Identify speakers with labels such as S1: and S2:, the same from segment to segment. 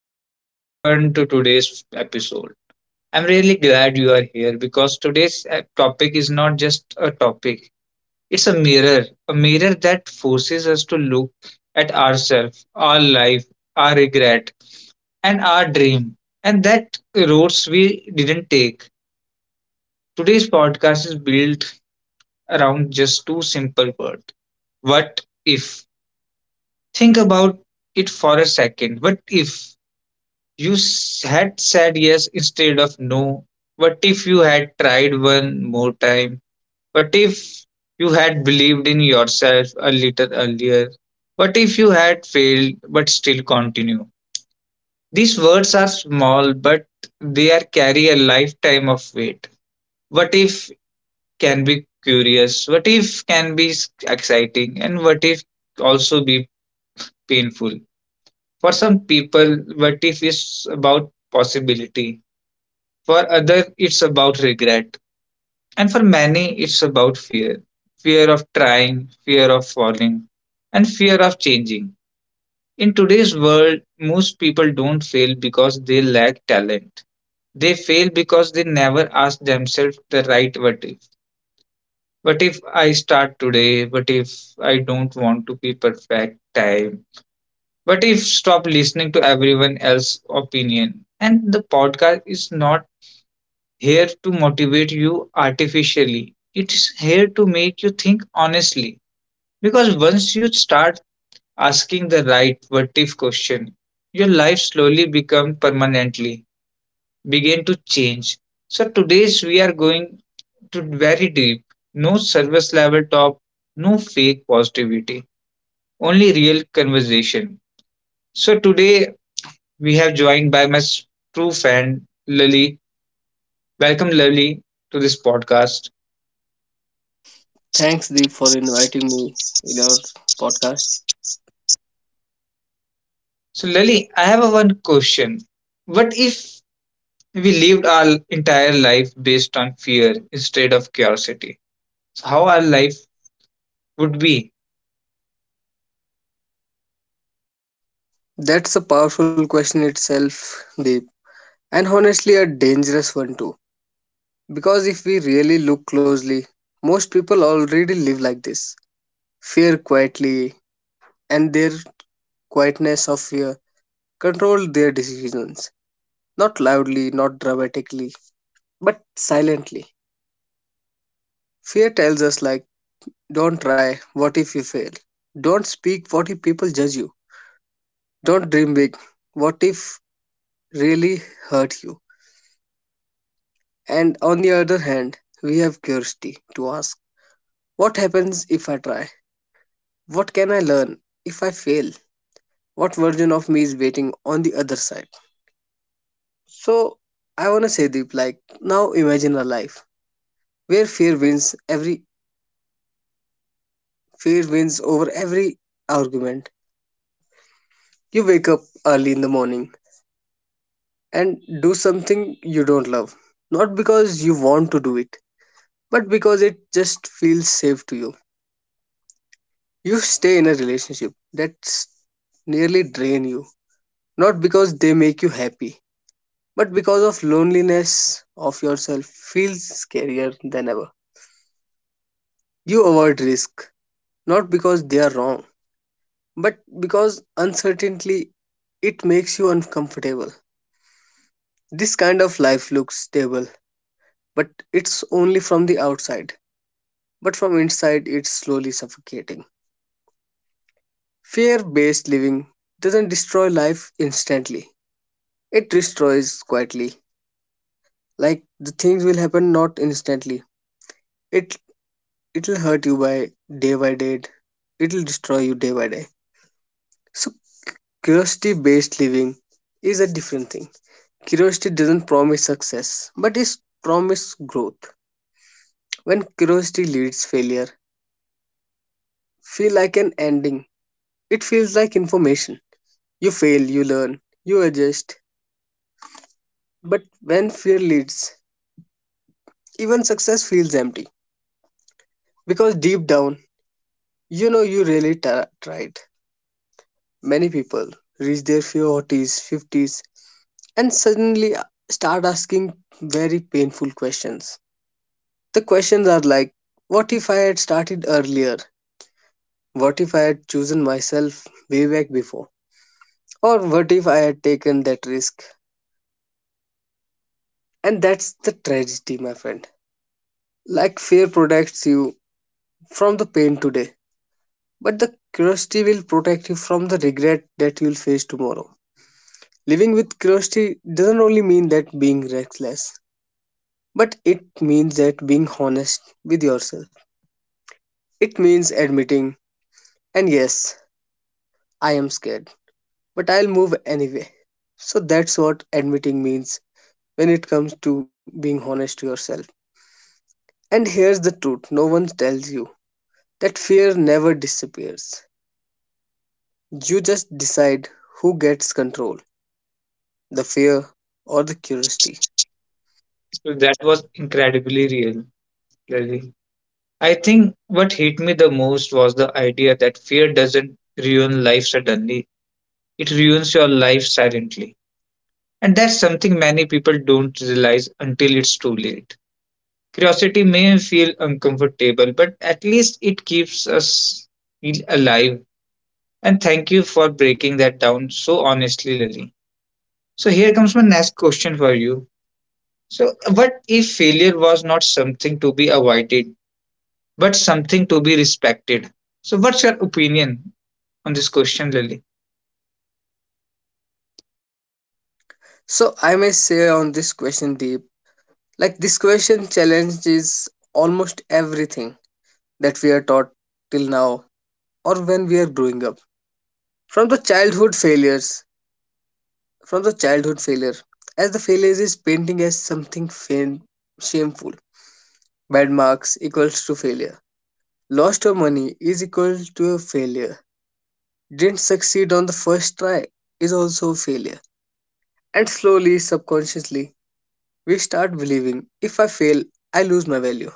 S1: Welcome everyone to today's episode. I'm really glad you are here because today's topic is not just a topic, it's a mirror that forces us to look at ourselves, our life, our regret, and our dream, and that roads we didn't take. Today's podcast is built around just two simple words. What if? Think about it for a second. What if? Had said yes instead of no. What if you had tried one more time? What if you had believed in yourself a little earlier? What if you had failed but still continue? These words are small, but they are carry a lifetime of weight. What if can be curious? What if can be exciting? And what if also be painful? For some people, what if is about possibility. For others, it's about regret. And for many, it's about fear, fear of trying, fear of falling, and fear of changing. In today's world, most people don't fail because they lack talent. They fail because they never ask themselves the right what if. What if I start today? What if I don't want to be perfect time? What if stop listening to everyone else's opinion? And the podcast is not here to motivate you artificially. It's here to make you think honestly. Because once you start asking the right what if question, your life slowly become permanently begin to change. So today's we are going to very deep. No service level talk, no fake positivity, only real conversation. So today we have joined by my true friend Lily. Welcome Lily to this podcast.
S2: Thanks, Deep, for inviting me in your podcast.
S1: So, Lali, I have a one question. What if we lived our entire life based on fear instead of curiosity? So, how our life would be?
S2: That's a powerful question itself, Deep, and honestly, a dangerous one too. Because if we really look closely, most people already live like this fear quietly, and their quietness of fear control their decisions. Not loudly, not dramatically, but silently. Fear tells us, like, don't try, what if you fail? Don't speak, what if people judge you? Don't dream big, what if really hurt you. And on the other hand, we have curiosity to ask what happens if I try? What can I learn if I fail? What version of me is waiting on the other side? So, I want to say, Deep, like, now imagine a life where fear wins over every argument. You wake up early in the morning and do something you don't love, not because you want to do it, but because it just feels safe to you. You stay in a relationship that's nearly drain you, not because they make you happy, but because of loneliness of yourself feels scarier than ever. You avoid risk, not because they are wrong, but because uncertainty it makes you uncomfortable. This kind of life looks stable, but it's only from the outside. But from inside, it's slowly suffocating. Fear based living doesn't destroy life instantly, it destroys quietly, like the things will happen not instantly, it it'll hurt you by day by day, it'll destroy you day by day. So curiosity based living is a different thing. Curiosity doesn't promise success, but it promises growth. When curiosity leads, failure feel like an ending, it feels like information. You fail, you learn, you adjust. But when fear leads, even success feels empty, because deep down you know you really tried. Many people reach their 40s, 50s, and suddenly start asking very painful questions. The questions are like, what if I had started earlier? What if I had chosen myself way back before? Or what if I had taken that risk? And that's the tragedy, my friend. Like, fear protects you from the pain today, but the curiosity will protect you from the regret that you'll face tomorrow. Living with curiosity doesn't only mean that being reckless, but it means that being honest with yourself. It means admitting, and yes, I am scared, but I'll move anyway. So that's what admitting means when it comes to being honest to yourself. And here's the truth no one tells you that fear never disappears. You just decide who gets control, the fear or the curiosity.
S1: So, that was incredibly real, Lali. I think what hit me the most was the idea that fear doesn't ruin life suddenly, it ruins your life silently. And that's something many people don't realize until it's too late. Curiosity may feel uncomfortable, but at least it keeps us feel alive. And thank you for breaking that down so honestly, Lily. So here comes my next question for you. So what if failure was not something to be avoided, but something to be respected? So what's your opinion on this question, Lily?
S2: So I may say on this question, Deep, like this question challenges almost everything that we are taught till now or when we are growing up. From the childhood failures, from the childhood failure, as the failure is painting as something shameful. Bad marks equals to failure. Lost your money is equal to a failure. Didn't succeed on the first try is also a failure. And slowly, subconsciously, we start believing if I fail, I lose my value.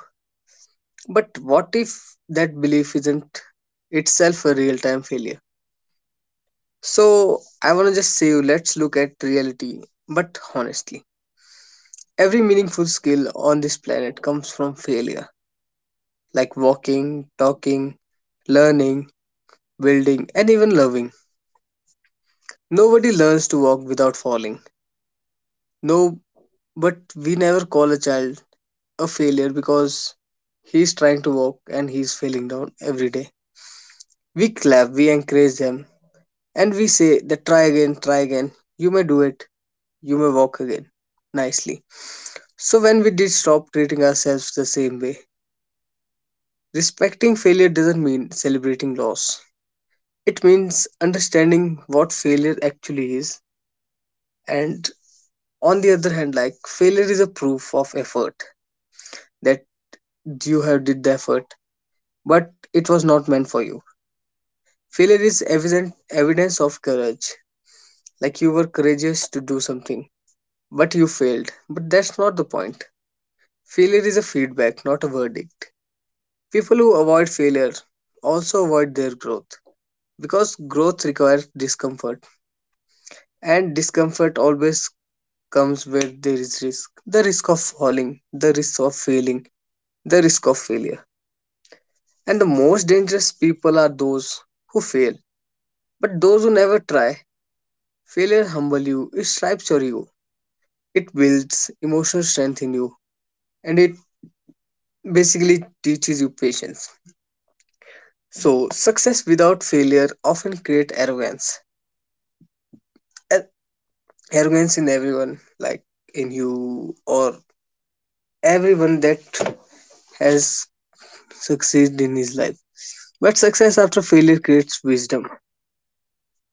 S2: But what if that belief isn't itself a real time failure? So, I want to just say let's look at reality, but honestly. Every meaningful skill on this planet comes from failure, like walking, talking, learning, building, and even loving. Nobody learns to walk without falling. No, but we never call a child a failure because he's trying to walk and he's failing down every day. We clap, we encourage them, and we say that try again, try again. You may do it, you may walk again nicely. So when we did stop treating ourselves the same way, respecting failure doesn't mean celebrating loss. It means understanding what failure actually is. And on the other hand, like failure is a proof of effort that you have did the effort, but it was not meant for you. Failure is evident evidence of courage. Like you were courageous to do something, but you failed. But that's not the point. Failure is a feedback, not a verdict. People who avoid failure also avoid their growth, because growth requires discomfort and discomfort always comes where there is risk, the risk of falling, the risk of failing, the risk of failure. And the most dangerous people are those who fail but those who never try. Failure humbles you, it stripes your ego, it builds emotional strength in you, and it basically teaches you patience. So success without failure often creates arrogance. Ar- Arrogance in everyone, like in you or everyone that has succeeded in his life. But success after failure creates wisdom.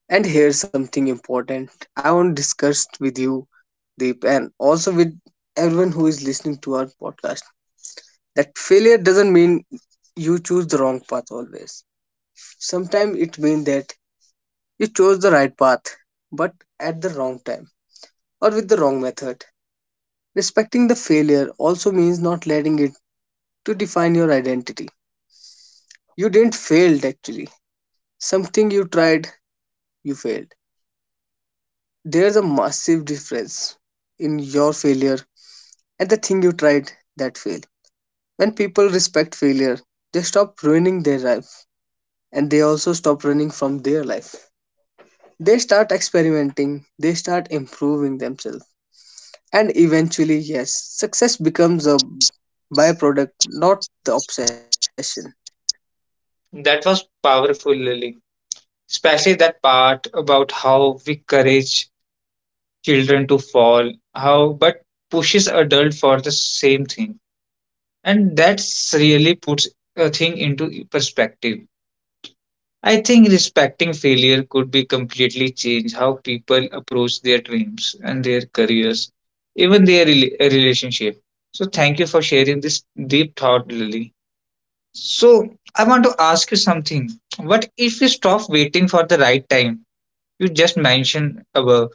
S2: And here's something important I want to discuss with you, Deep, and also with everyone who is listening to our podcast, that failure doesn't mean you choose the wrong path always. Sometimes it means that you chose the right path, but at the wrong time or with the wrong method. Respecting the failure also means not letting it to define your identity. You didn't fail, actually something you tried, you failed. There's a massive difference in your failure and the thing you tried that failed. When people respect failure, they stop ruining their life and they also stop running from their life. They start experimenting, they start improving themselves. And eventually, yes, success becomes a byproduct, not the obsession.
S1: That was powerful, Lily. Especially that part about how we encourage children to fall, how but pushes adult for the same thing. And that's really puts a thing into perspective. I think respecting failure could be completely change how people approach their dreams and their careers, even their relationship. So thank you for sharing this deep thought, Lily. So I want to ask you something. What if you stop waiting for the right time you just mentioned above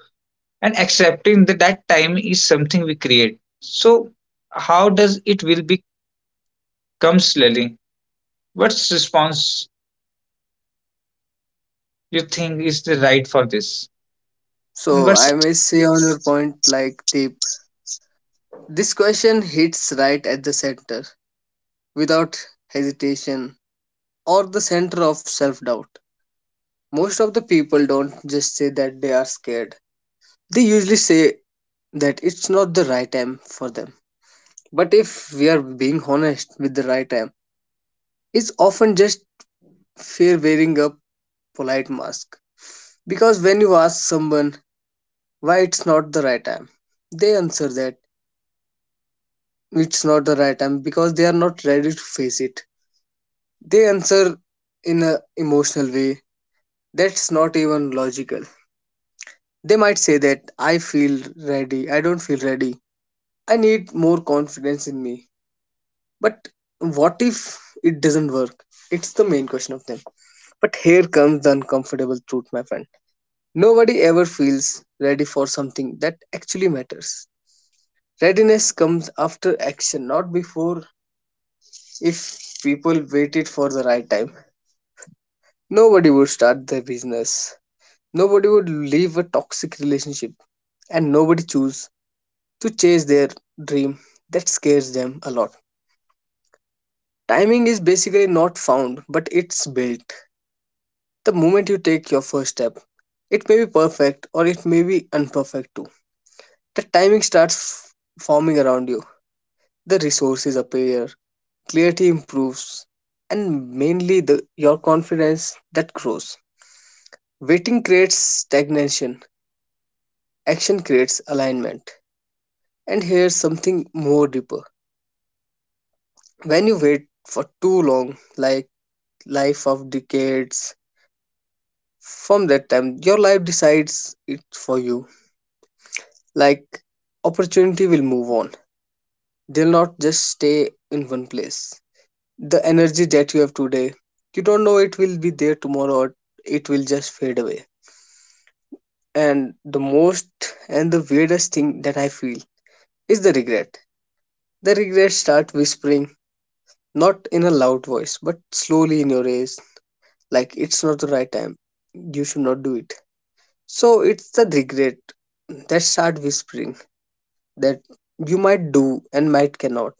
S1: and accepting that that time is something we create? So how does it will become, Lily? What's response you think is the right for this? And
S2: So,
S1: what's
S2: I may say on your point, like, Deep, this question hits right at the center without hesitation, or the center of self doubt. Most of the people don't just say that they are scared, they usually say that it's not the right time for them. But if we are being honest with the right time, it's often just fear wearing a polite mask. Because when you ask someone why it's not the right time, they answer that it's not the right time because they are not ready to face it. They answer in an emotional way that's not even logical. They might say that I feel ready, I don't feel ready, I need more confidence in me. But what if it doesn't work? It's the main question of them. But here comes the uncomfortable truth, my friend. Nobody ever feels ready for something that actually matters. Readiness comes after action, not before. If people waited for the right time, nobody would start their business, nobody would leave a toxic relationship, and nobody choose to chase their dream that scares them a lot. Timing is basically not found, but it's built. The moment you take your first step, it may be perfect or it may be imperfect too. The timing starts forming around you. The resources appear, clarity improves, and mainly your confidence that grows. Waiting creates stagnation, action creates alignment. And here's something more deeper. When you wait for too long, like life of decades. From that time, your life decides it for you. Like opportunity will move on. They'll not just stay in one place. The energy that you have today, you don't know it will be there tomorrow or it will just fade away. And the most and the weirdest thing that I feel is the regret. The regrets start whispering, not in a loud voice, but slowly in your ears, like it's not the right time. You should not do it. So it's the regret that start whispering that you might do and might cannot,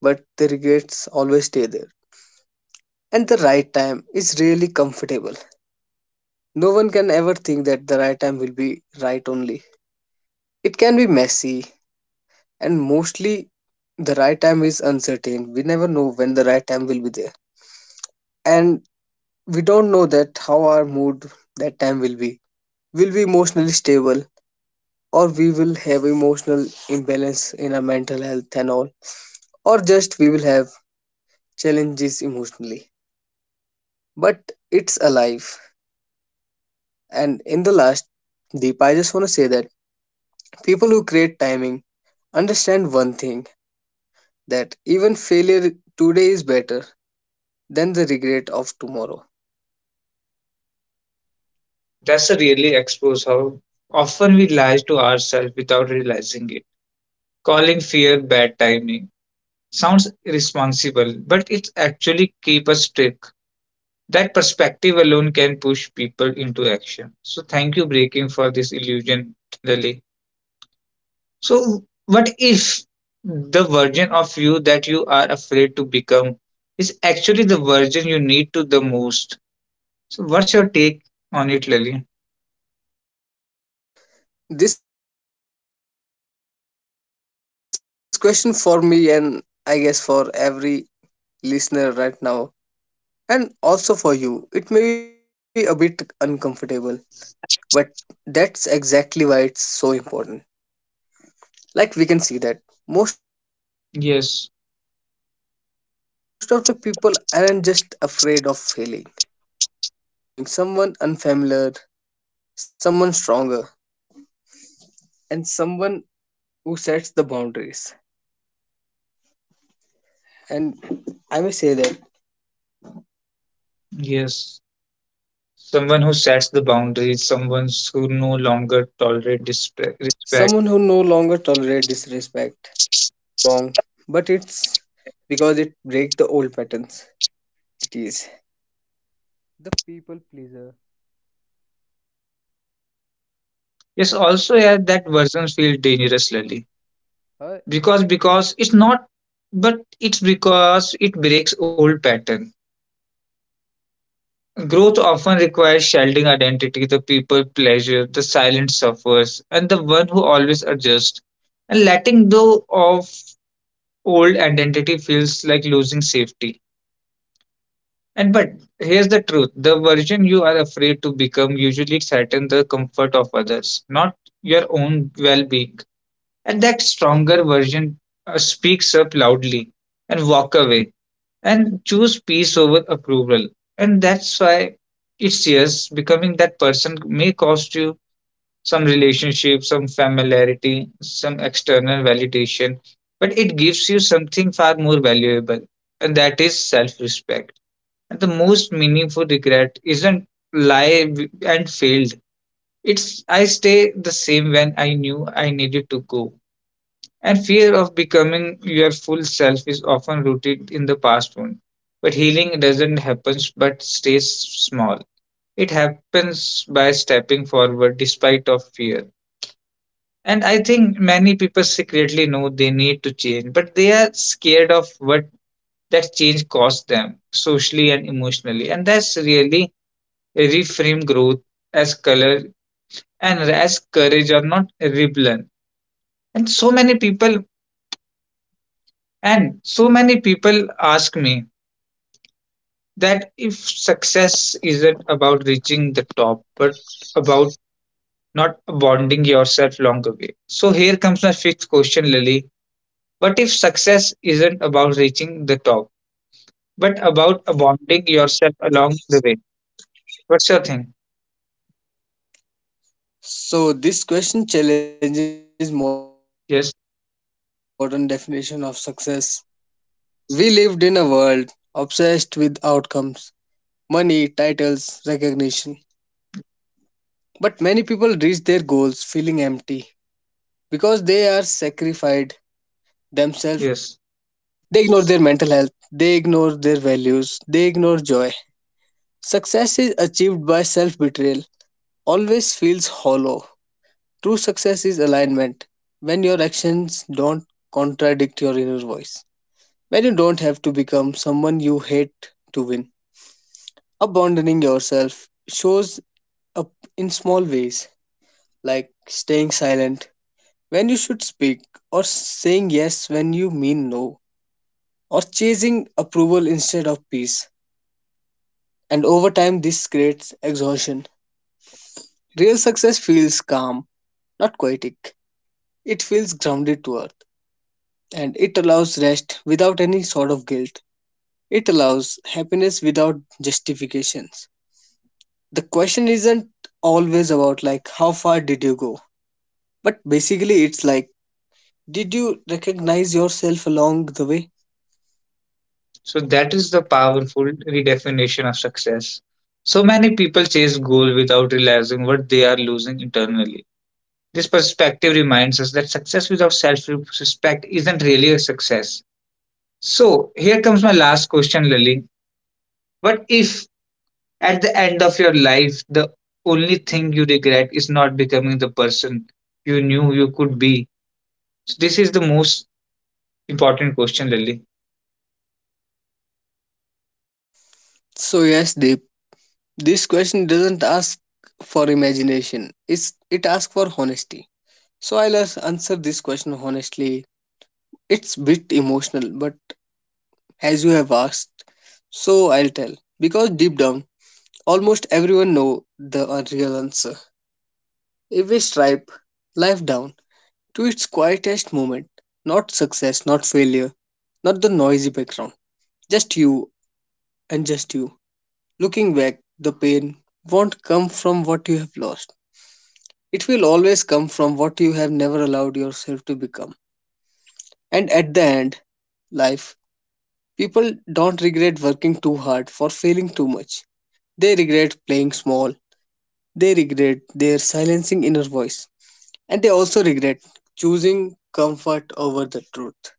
S2: but the regrets always stay there. And the right time is really comfortable. No one can ever think that the right time will be right only. It can be messy and mostly the right time is uncertain. We never know when the right time will be there. And we don't know that how our mood that time will be. Will be emotionally stable or we will have emotional imbalance in our mental health and all, or just we will have challenges emotionally. But it's alive. And in the last, Deep, I just want to say that people who create timing understand one thing, that even failure today is better than the regret of tomorrow.
S1: that's a really expose how often we lie to ourselves without realizing it. Calling fear bad timing sounds irresponsible, but it actually keeps us trick. That perspective alone can push people into action. So thank you, Breaking, for this illusion, Lily. So what if the version of you that you are afraid to become is actually the version you need to the most? So what's your take on it, Lily?
S2: This question for me, and I guess for every listener right now, and also for you, it may be a bit uncomfortable, but that's exactly why it's so important.
S1: Yes,
S2: Like we can see that most of the people aren't just afraid of failing, they are afraid of changing too. They are afraid of becoming someone unfamiliar, someone stronger, and someone who sets the boundaries. And
S1: yes.
S2: I may say that
S1: Someone who sets the boundaries, someone who
S2: someone who
S1: no
S2: no longer
S1: longer
S2: tolerates
S1: tolerate
S2: disrespect.
S1: respect.
S2: That version feels dangerous, not because it's wrong, but it's because it breaks the old patterns. Growth often requires shedding identities.
S1: Yes, also yeah, that version feels dangerous, Lily, because it's not, but it's because it breaks old pattern. Growth often requires shedding identity, the people pleasure, the silent suffers, and the one who always adjusts. And letting go of old identity feels like losing safety. And but here's the truth, the version you are afraid to become usually threatens the comfort of others, not your own well being. And that stronger version speaks up loudly and walk away and choose peace over approval. And that's why it's yes, becoming that person may cost you some relationship, some familiarity, some external validation, but it gives you something far more valuable, and that is self respect, and the most meaningful regret isn't and failed. It's I stay the same when I knew I needed to go. And fear of becoming your full self is often rooted in the past wound. But healing doesn't happen but stays small. It happens by stepping forward despite of fear. And I think many people secretly know they need to change, but they are scared of what that change costs them socially and emotionally. And that's really reframe growth as color and as courage or not rebellion. And so many people, and so many people ask me that if success isn't about reaching the top, but about not bonding yourself along the way. So here comes my fifth question, Lily. What if success isn't about reaching the top, but about bonding yourself along the way? What's your thing?
S2: So this question challenges modern definition of success.
S1: Yes,
S2: We lived in a world obsessed with outcomes, money, titles, recognition. But many people reach their goals feeling empty because they are sacrificed themselves to get on a point that they wanted to be.
S1: yes.
S2: They ignore their mental health, they ignore their values, they ignore joy. Success is achieved by self betrayal, always feels hollow. True success is alignment when your actions don't contradict your inner voice. When you don't have to become someone you hate to win. Abandoning yourself shows up in small ways, like staying silent when you should speak, or saying yes when you mean no, or chasing approval instead of peace. And over time, this creates exhaustion. Real success feels calm, not poetic. It feels grounded to earth, and it allows rest without any sort of guilt. It allows happiness without justifications. The question isn't always about like how far did you go, but basically it's like did you recognize yourself along the way?
S1: So that is the powerful redefinition of success. So many people chase goal without realizing what they are losing internally. This perspective reminds us that success without self-respect isn't really a success. So here comes my last question, Lily. What if at the end of your life the only thing you regret is not becoming the person you knew you could be? So this is the most important question, Lily.
S2: So yes, Deep, this question doesn't ask for imagination. It asks for honesty. So I'll answer this question honestly. It's bit emotional, but as you have asked, so I'll tell. Because deep down, almost everyone know the real answer. If we stripe life down to its quietest moment, not success, not failure, not the noisy background, just you and just you. Looking back, the pain won't come from what you have lost. It will always come from what you have never allowed yourself to become. And at the end, life, people don't regret working too hard for failing too much. They regret playing small. They regret their silencing inner voice, and they also regret choosing comfort over the truth.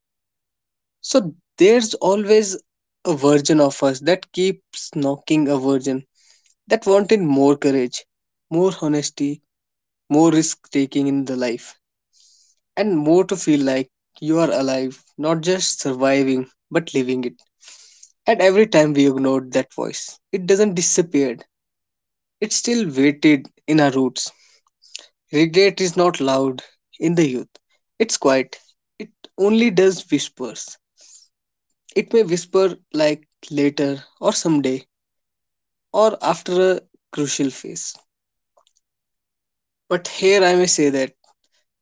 S2: So there's always a version of us that keeps knocking, a version that wanted more courage, more honesty, more risk taking in the life, and more to feel like you are alive, not just surviving but living it. And every time we ignored that voice, it doesn't disappear. It still waited in our roots. Regret is not loud in the youth. It's quiet. It only does whispers. It may whisper like later or someday or after a crucial phase. But here I may say that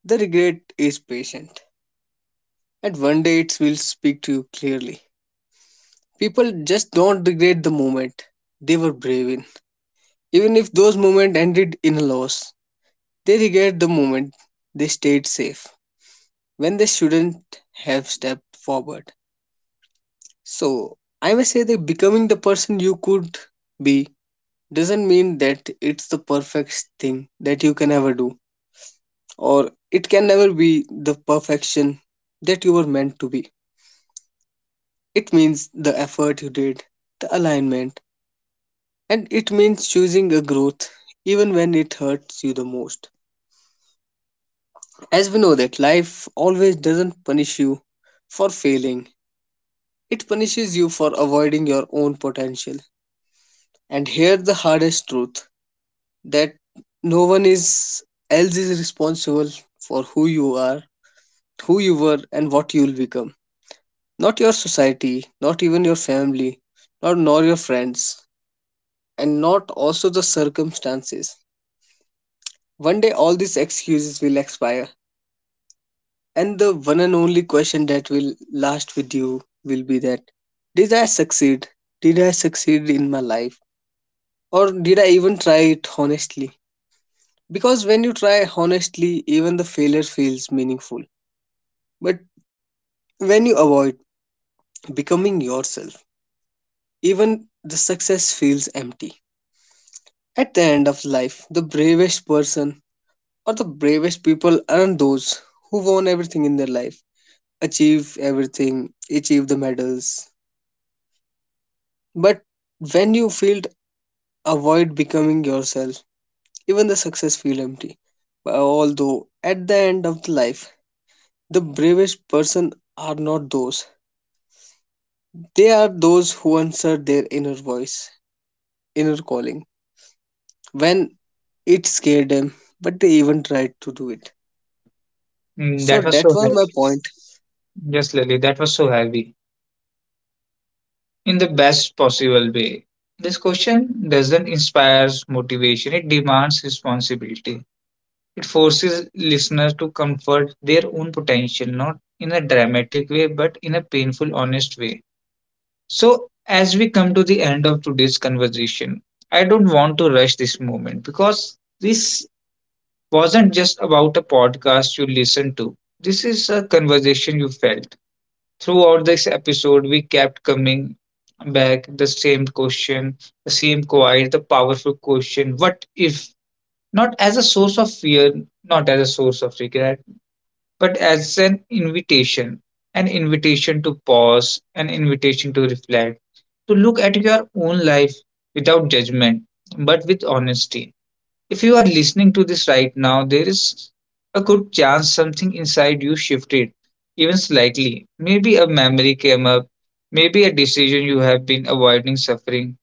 S2: the regret is patient and one day it will speak to you clearly. People just don't regret the moment they were brave in. Even if those moments ended in a loss, they regret the moment they stayed safe when they shouldn't have stepped forward. So I may say that becoming the person you could be doesn't mean that it's the perfect thing that you can ever do, or it can never be the perfection that you were meant to be. It means the effort you did, the alignment, and it means choosing a growth even when it hurts you the most. As we know that life always doesn't punish you for failing. It punishes you for avoiding your own potential. And here's the hardest truth. That no one is else is responsible for who you are, who you were, and what you will become. Not your society, not even your family, not nor your friends, and not also the circumstances. One day, all these excuses will expire, and the one and only question that will last with you will be that: did I succeed? Did I succeed in my life, or did I even try it honestly? Because when you try honestly, even the failure feels meaningful. But when you avoid becoming yourself, even the success feels empty. At the end of life, the bravest person or the bravest people aren't those who won everything in their life, achieve everything, achieve the medals. But when you feel avoid becoming yourself, even the success feel empty. But although at the end of the life, the bravest person are not those. They are those who answer their inner voice, inner calling when it scared them, but they even tried to do it.
S1: Mm,
S2: So
S1: that was
S2: that
S1: so
S2: was
S1: heavy.
S2: my point.
S1: Yes, Lily, that was so heavy, in the best possible way. This question doesn't inspire motivation, it demands responsibility. It forces listeners to comfort their own potential, not in a dramatic way, but in a painful, honest way. So, as we come to the end of today's conversation, I don't want to rush this moment because this wasn't just about a podcast you listened to. This is a conversation you felt. Throughout this episode, we kept coming back the same question, the same quiet, the powerful question what if? Not as a source of fear, not as a source of regret, but as an invitation, an invitation to pause, an invitation to reflect, to look at your own life without judgment, but with honesty. If you are listening to this right now, there is a good chance something inside you shifted, even slightly. Maybe a memory came up, maybe a decision you have been avoiding suffering,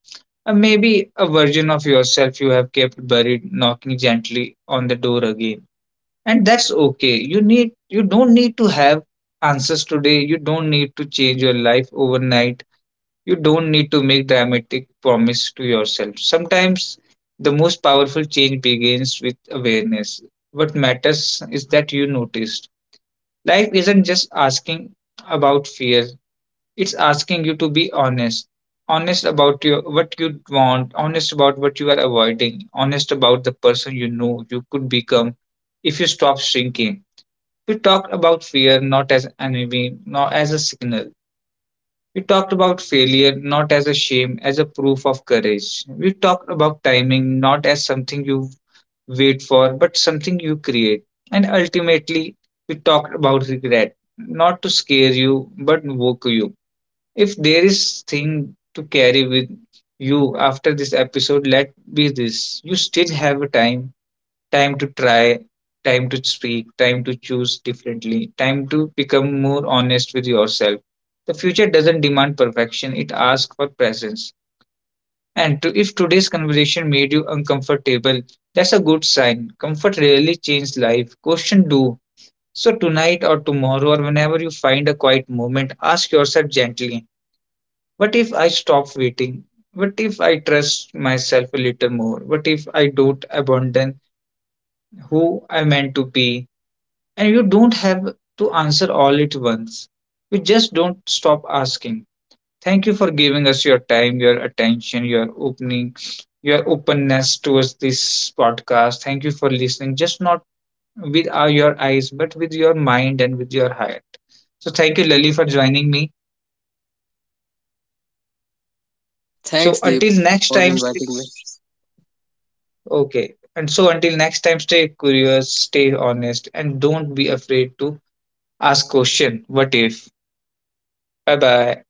S1: or maybe a version of yourself you have kept buried knocking gently on the door again. And that's okay. You need you don't need to have answers today. You don't need to change your life overnight, you don't need to make dramatic promise to yourself. Sometimes the most powerful change begins with awareness. What matters is that you noticed. Life isn't just asking about fear. It's asking you to be honest. Honest about your what you want, honest about what you are avoiding, honest about the person you know you could become if you stop shrinking. We talk about fear not as enemy, not as a signal, we talked about failure not as a shame, as a proof of courage. We talked about timing not as something you wait for, but something you create. And ultimately, we talked about regret, not to scare you, but woke you. If there is thing to carry with you after this episode, let be this. You still have time. Time to try, time to speak, time to choose differently, time to become more honest with yourself. The future doesn't demand perfection, it asks for presence. And to, if today's conversation made you uncomfortable, that's a good sign. Comfort rarely changes life. Question do. So tonight or tomorrow or whenever you find a quiet moment, ask yourself gently, what if I stop waiting? What if I trust myself a little more? What if I don't abandon who I meant to be? And you don't have to answer all at once. You just don't stop asking. Thank you for giving us your time, your attention, your opening, your openness towards this podcast. Thank you for listening, just not with your eyes, but with your mind and with your heart. So thank you, Lily, for joining me. So
S2: Thanks, Deep,
S1: until next
S2: for
S1: time, stay-
S2: inviting me.
S1: okay. And so until next time, stay curious, stay honest, and don't be afraid to ask question. What if? Bye bye.